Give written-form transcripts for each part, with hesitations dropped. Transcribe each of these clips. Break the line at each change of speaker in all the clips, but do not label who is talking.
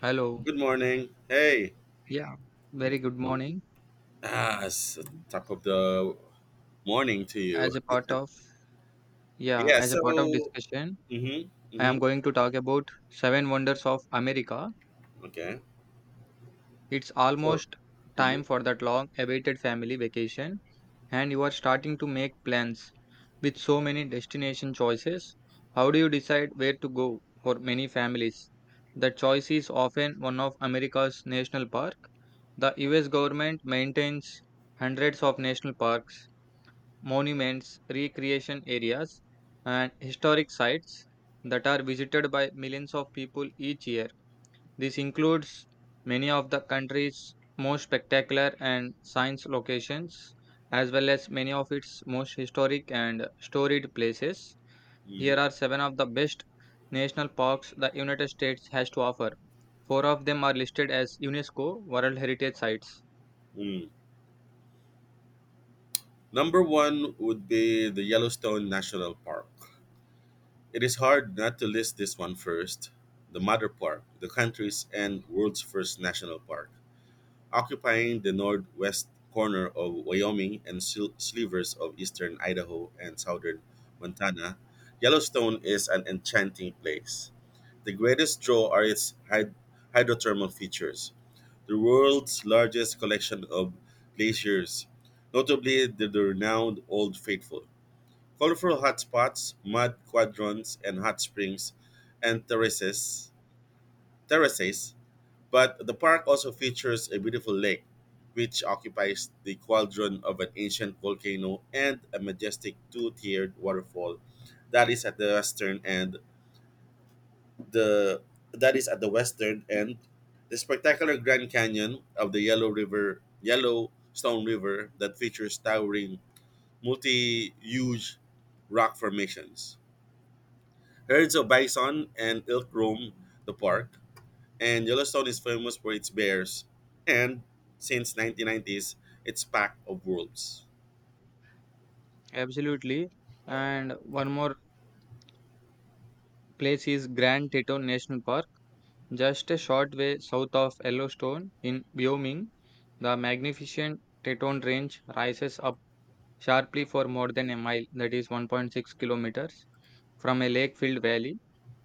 Hello.
Good morning. Hey,
Yeah, very good morning.
it's the top of the morning to
As
you.
a part of yeah,
Yeah.
as a part of discussion,
Mm-hmm,
I am
mm-hmm,
going to talk about 7 Wonders of America.
okay.
It's
So,
almost
mm-hmm,
time for that long awaited family vacation, and you are starting to make plans with so many destination choices. How do you decide where to go for many families? The choice is often one of America's national park. The US government maintains hundreds of national parks monuments, recreation areas, and historic sites that are visited by millions of people each year. This includes many of the country's most spectacular and science locations, as well as many of its most historic and storied places. Here
mm-hmm,
are 7 of the best national parks the United States has to offer. 4 of them are listed as UNESCO World Heritage Sites.
mm. Number one would be the Yellowstone National Park. It is hard not to list this one first. The Mother Park, the country's and world's first national park, occupying the northwest corner of Wyoming and slivers of eastern Idaho and southern Montana. Yellowstone is an enchanting place. The greatest draw are its hydrothermal features, the world's largest collection of glaciers, notably the renowned Old Faithful. Colorful hotspots, mud quadrants, and hot springs and terraces, but the park also features a beautiful lake, which occupies the cauldron of an ancient volcano, and a majestic two-tiered waterfall that is at the western end. The that is at the western end. The spectacular Grand Canyon of the Yellowstone River, that features towering, multi-huge rock formations. Herds of bison and elk roam the park, and Yellowstone is famous for its bears and, since 1990s, its pack of wolves.
Absolutely. And one more place is Grand Teton National Park. Just a short way south of Yellowstone in Wyoming, the magnificent Teton Range rises up sharply for more than a mile, that is 1.6 kilometers, from a lake filled valley.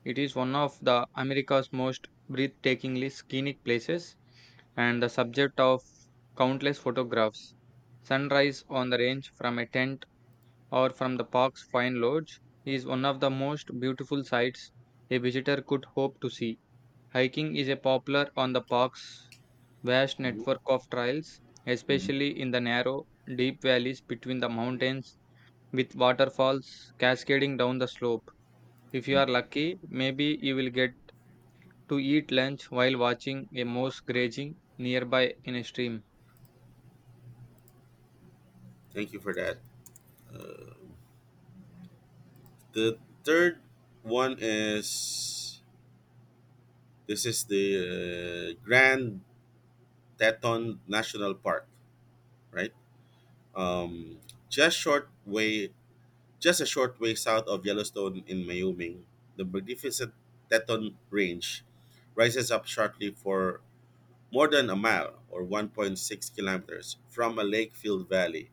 It is one of the America's most breathtakingly scenic places and the subject of countless photographs. Sunrise on the range from a tent or from the park's fine lodge is one of the most beautiful sights a visitor could hope to see. Hiking is a popular on the park's vast
Mhm,
network of trails,
mhm,
especially in the narrow, deep valleys between the mountains with waterfalls cascading down the slope. If you
mhm.
are lucky, maybe you will get to eat lunch while watching a moose grazing nearby in a stream.
Thank you for that. Uh, the third one is: this is the Grand Teton National Park, right? Um, just short way, just a short way south of Yellowstone in Wyoming, the magnificent Teton Range rises up shortly for more than a mile or 1.6 kilometers from a lake-filled valley.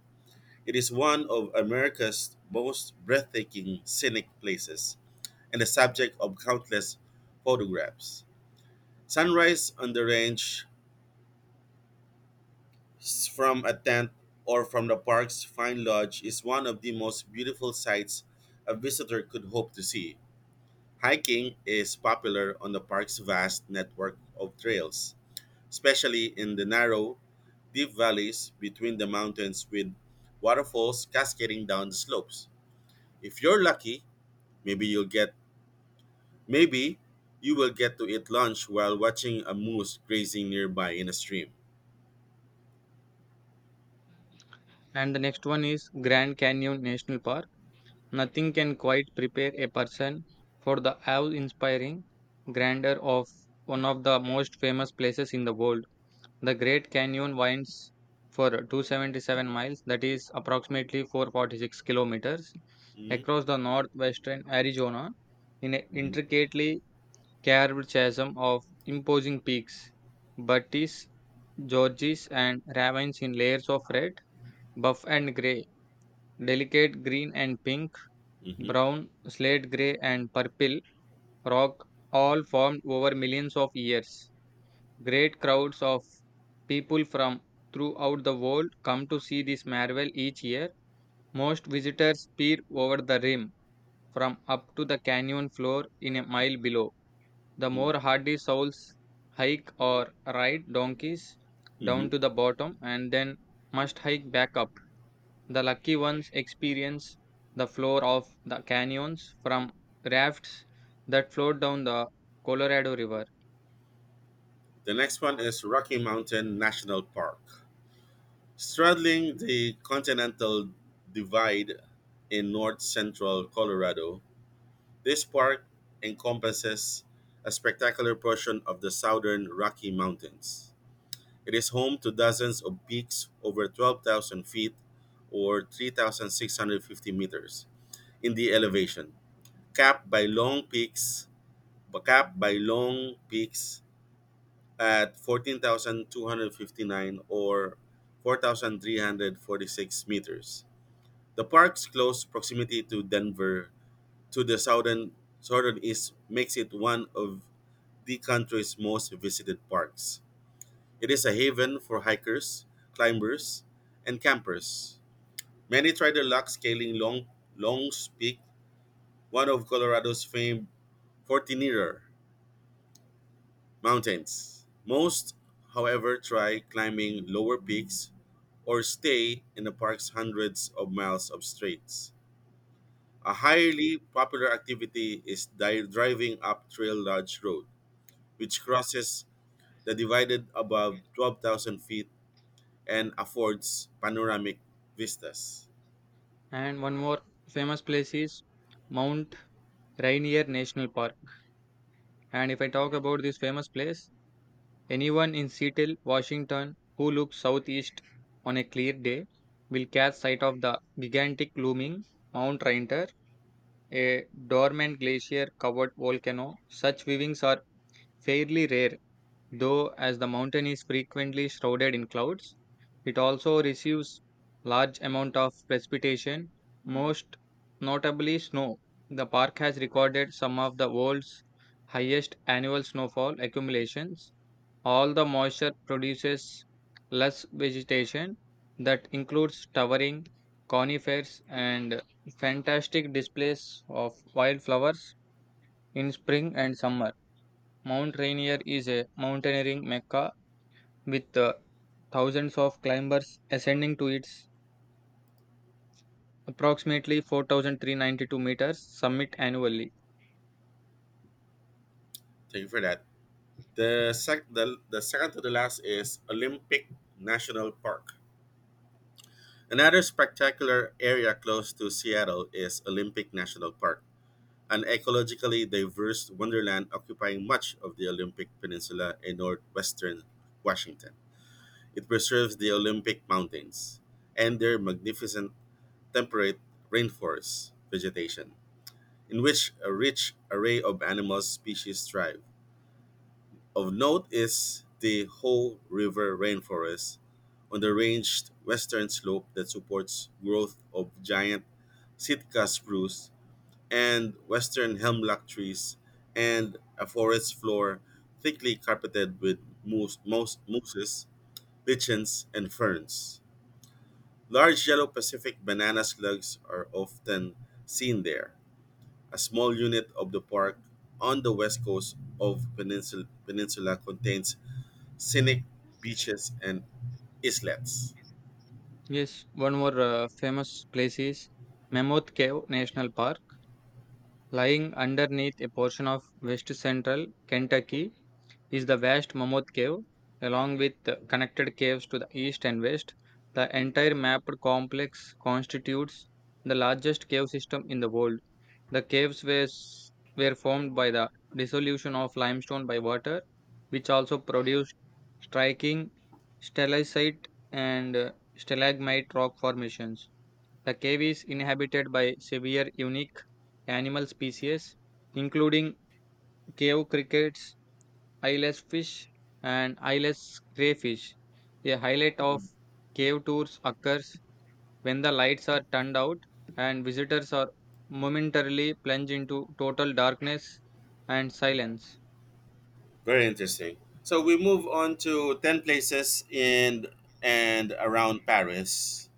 It is one of America's most breathtaking scenic places and the subject of countless photographs. Sunrise on the range from a tent or from the park's fine lodge is one of the most beautiful sights a visitor could hope to see. Hiking is popular on the park's vast network of trails, especially in the narrow, deep valleys between the mountains with waterfalls cascading down the slopes. If you're lucky, maybe you'll get maybe you will get to eat lunch while watching a moose grazing nearby in a stream.
And the next one is Grand Canyon National Park. Nothing can quite prepare a person for the awe inspiring grandeur of one of the most famous places in the world. The Great Canyon winds for 277 miles, that is approximately 446 kilometers,
Hmm.
across the northwestern Arizona in an intricately carved chasm of imposing peaks, butties, gorges, and ravines in layers of red, buff, and gray, delicate green and pink,
Hmm.
brown, slate gray, and purple rock, all formed over millions of years. Great crowds of people from throughout the world come to see this marvel each year. Most visitors peer over the rim from up to the canyon floor in a mile below. The
Hmm.
more hardy souls hike or ride donkeys down
Hmm.
to the bottom and then must hike back up. The lucky ones experience the floor of the canyons from rafts that float down the Colorado River.
The next one is Rocky Mountain National Park. Straddling the continental divide in north central Colorado, this park encompasses a spectacular portion of the southern Rocky Mountains. It is home to dozens of peaks over 12,000 feet or 3,650 meters in the elevation, capped by long peaks capped by long peaks at 14,259 or 4,346 meters. The park's close proximity to Denver to the southern east makes it one of the country's most visited parks. It is a haven for hikers, climbers, and campers. Many try their luck scaling Long's Peak, one of Colorado's famed Fortinera mountains. Most, however, try climbing lower peaks or stay in the park's hundreds of miles of straits. A highly popular activity is driving up Trail Lodge Road, which crosses the divided above 12,000 feet and affords panoramic vistas.
And one more famous place is Mount Rainier National Park. And if I talk about this famous place, anyone in Seattle, Washington, who looks southeast on a clear day will catch sight of the gigantic looming Mount Rainier, a dormant glacier covered volcano. Such viewings are fairly rare though, as the mountain is frequently shrouded in clouds. It also receives large amount of precipitation, most notably snow. The park has recorded some of the world's highest annual snowfall accumulations. All the moisture produces less vegetation that includes towering conifers and fantastic displays of wildflowers in spring and summer. Mount Rainier is a mountaineering mecca with thousands of climbers ascending to its approximately 4,392 meters summit annually.
Thank you for that. The second to the last is Olympic National Park. Another spectacular area close to Seattle is Olympic National Park, an ecologically diverse wonderland occupying much of the Olympic Peninsula in northwestern Washington. It preserves the Olympic Mountains and their magnificent temperate rainforest vegetation, in which a rich array of animal species thrive. Of note is the Ho River rainforest on the ranged western slope that supports growth of giant Sitka spruce and western hemlock trees and a forest floor thickly carpeted with moose, mouse, mooses, lichens, and ferns. Large yellow Pacific banana slugs are often seen there. A small unit of the park on the west coast of peninsula contains scenic beaches and islets.
Yes, one more famous place is Mammoth Cave National Park, lying underneath a portion of west central Kentucky is the vast Mammoth Cave, along with connected caves to the east and west. The entire mapped complex constitutes the largest cave system in the world. The caves were, s- were formed by the dissolution of limestone by water, which also produced striking stalactite and stalagmite rock formations. The cave is inhabited by severe unique animal species, including cave crickets, eyeless fish and eyeless crayfish. A highlight of
Mm.
cave tours occurs when the lights are turned out and visitors are momentarily plunged into total darkness and silence.
Very interesting. So we move on to 10 places in and around Paris.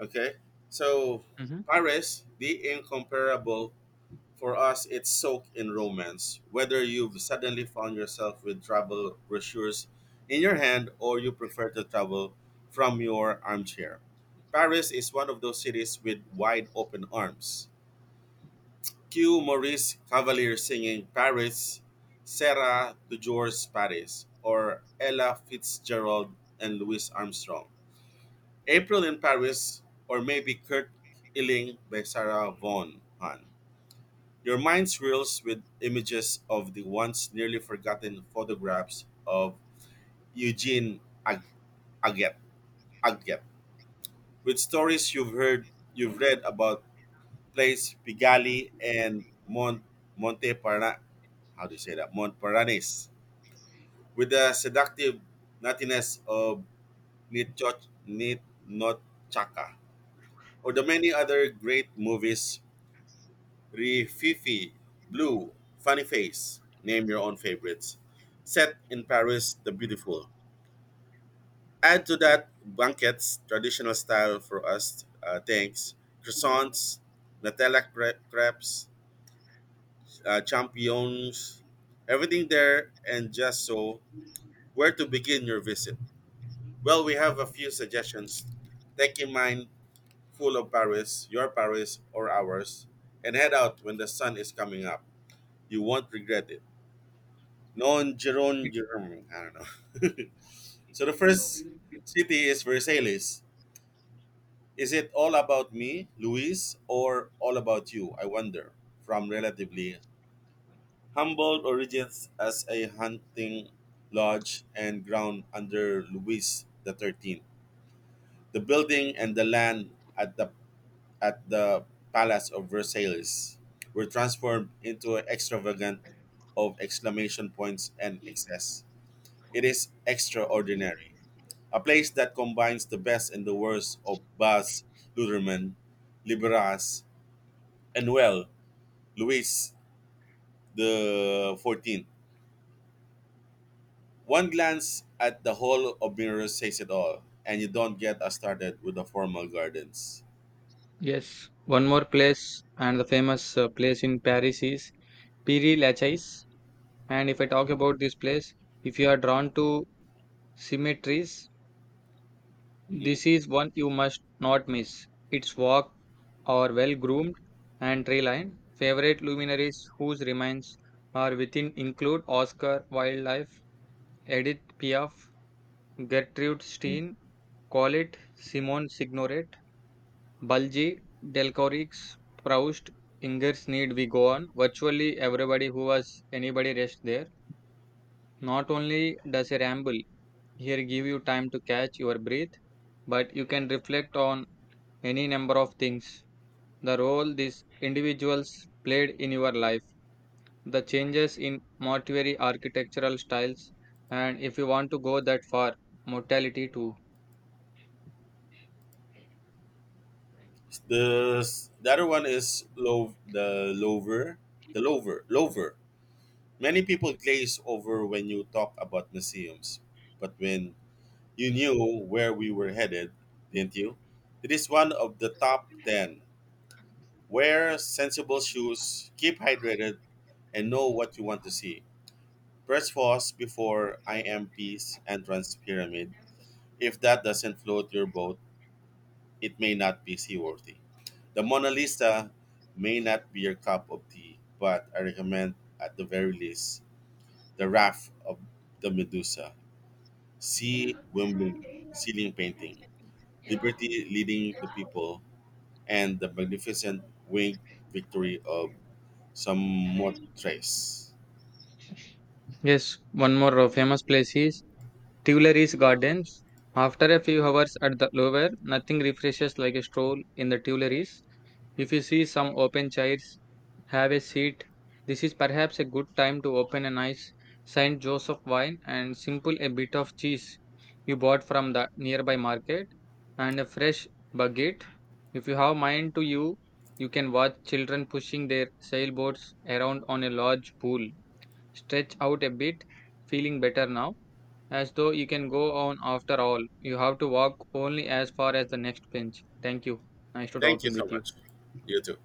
Okay. So
Mhm.
Paris, the incomparable, for us, it's soaked in romance. Whether you've suddenly found yourself with travel brochures in your hand or you prefer to travel from your armchair, Paris is one of those cities with wide open arms. Cue Maurice Cavalier singing Paris, Sarah DeJour's Paris, or Ella Fitzgerald and Louis Armstrong. April in Paris, or maybe Kurt Illing by Sarah Vaughan. Your mind swirls with images of the once nearly forgotten photographs of Eugene Ag- Aget, Aget, with stories you've heard, you've read about Place Pigalle and Mont- Monte Parna- how do you say that? Montparnasse, with the seductive nuttiness of Nitnochaka, or the many other great movies, Rififi, Blue, Funny Face, name your own favorites, set in Paris, the beautiful. Add to that banquets, traditional style for us, thanks, croissants, Nutella crepes, champignons, everything there and just so. Where to begin your visit? Well, we have a few suggestions. Take in mind full of Paris, your Paris or ours, and head out when the sun is coming up. You won't regret it. Non Giron Giron, I don't know. So the first city is Versailles. Is it all about me, Luis, or all about you? I wonder. From relatively humble origins as a hunting lodge and ground under Louis the XIII, the building and the land at the at the Palace of Versailles were transformed into extravagant of exclamation points and excess. It is extraordinary. A place that combines the best and the worst of Baz Luhrmann, Liberas, and well, Louis the XIV. One glance at the whole of mirrors says it all, and you don't get us started with the formal gardens.
Yes, one more place and the famous place in Paris is Piri Lachaise. And if I talk about this place, if you are drawn to cemeteries,
Mhm.
this is one you must not miss. Its walk are well groomed and tree lined. Favorite luminaries whose remains are within include Oscar Wildlife, Edith Piaf, Gertrude Stein, Colette, Simone Signoret, Balji, Delcorix, Proust, Ingers Need We Go On. Virtually everybody who was anybody rest there. Not only does a ramble here give you time to catch your breath, but you can reflect on any number of things the role these individuals played in your life, the changes in mortuary architectural styles, and if you want to go that far, mortality too.
The other one is low the lover lover. Many people glaze over when you talk about museums, but when you knew where we were headed, didn't you? It is one of the top ten. Wear sensible shoes, keep hydrated, and know what you want to see. Press pause before I M P's entrance pyramid. If that doesn't float your boat, it may not be seaworthy. The Mona Lisa may not be your cup of tea, but I recommend at the very least The Raft of the Medusa, See Wimbling ceiling painting, Liberty leading the people, and the magnificent winged victory of Samothrace.
Yes, one more famous place is Tuileries Gardens. After a few hours at the Louvre, nothing refreshes like a stroll in the Tuileries. If you see some open chairs, have a seat. This is perhaps a good time to open a nice Saint Joseph wine and simple a bit of cheese you bought from the nearby market and a fresh baguette. If you have mind to you, you can watch children pushing their sailboats around on a large pool. Stretch out a bit, feeling better now, as though you can go on after all. You have to walk only as far as the next bench. Thank you. Nice to
Thank you
talking
so
with you.
much. You too.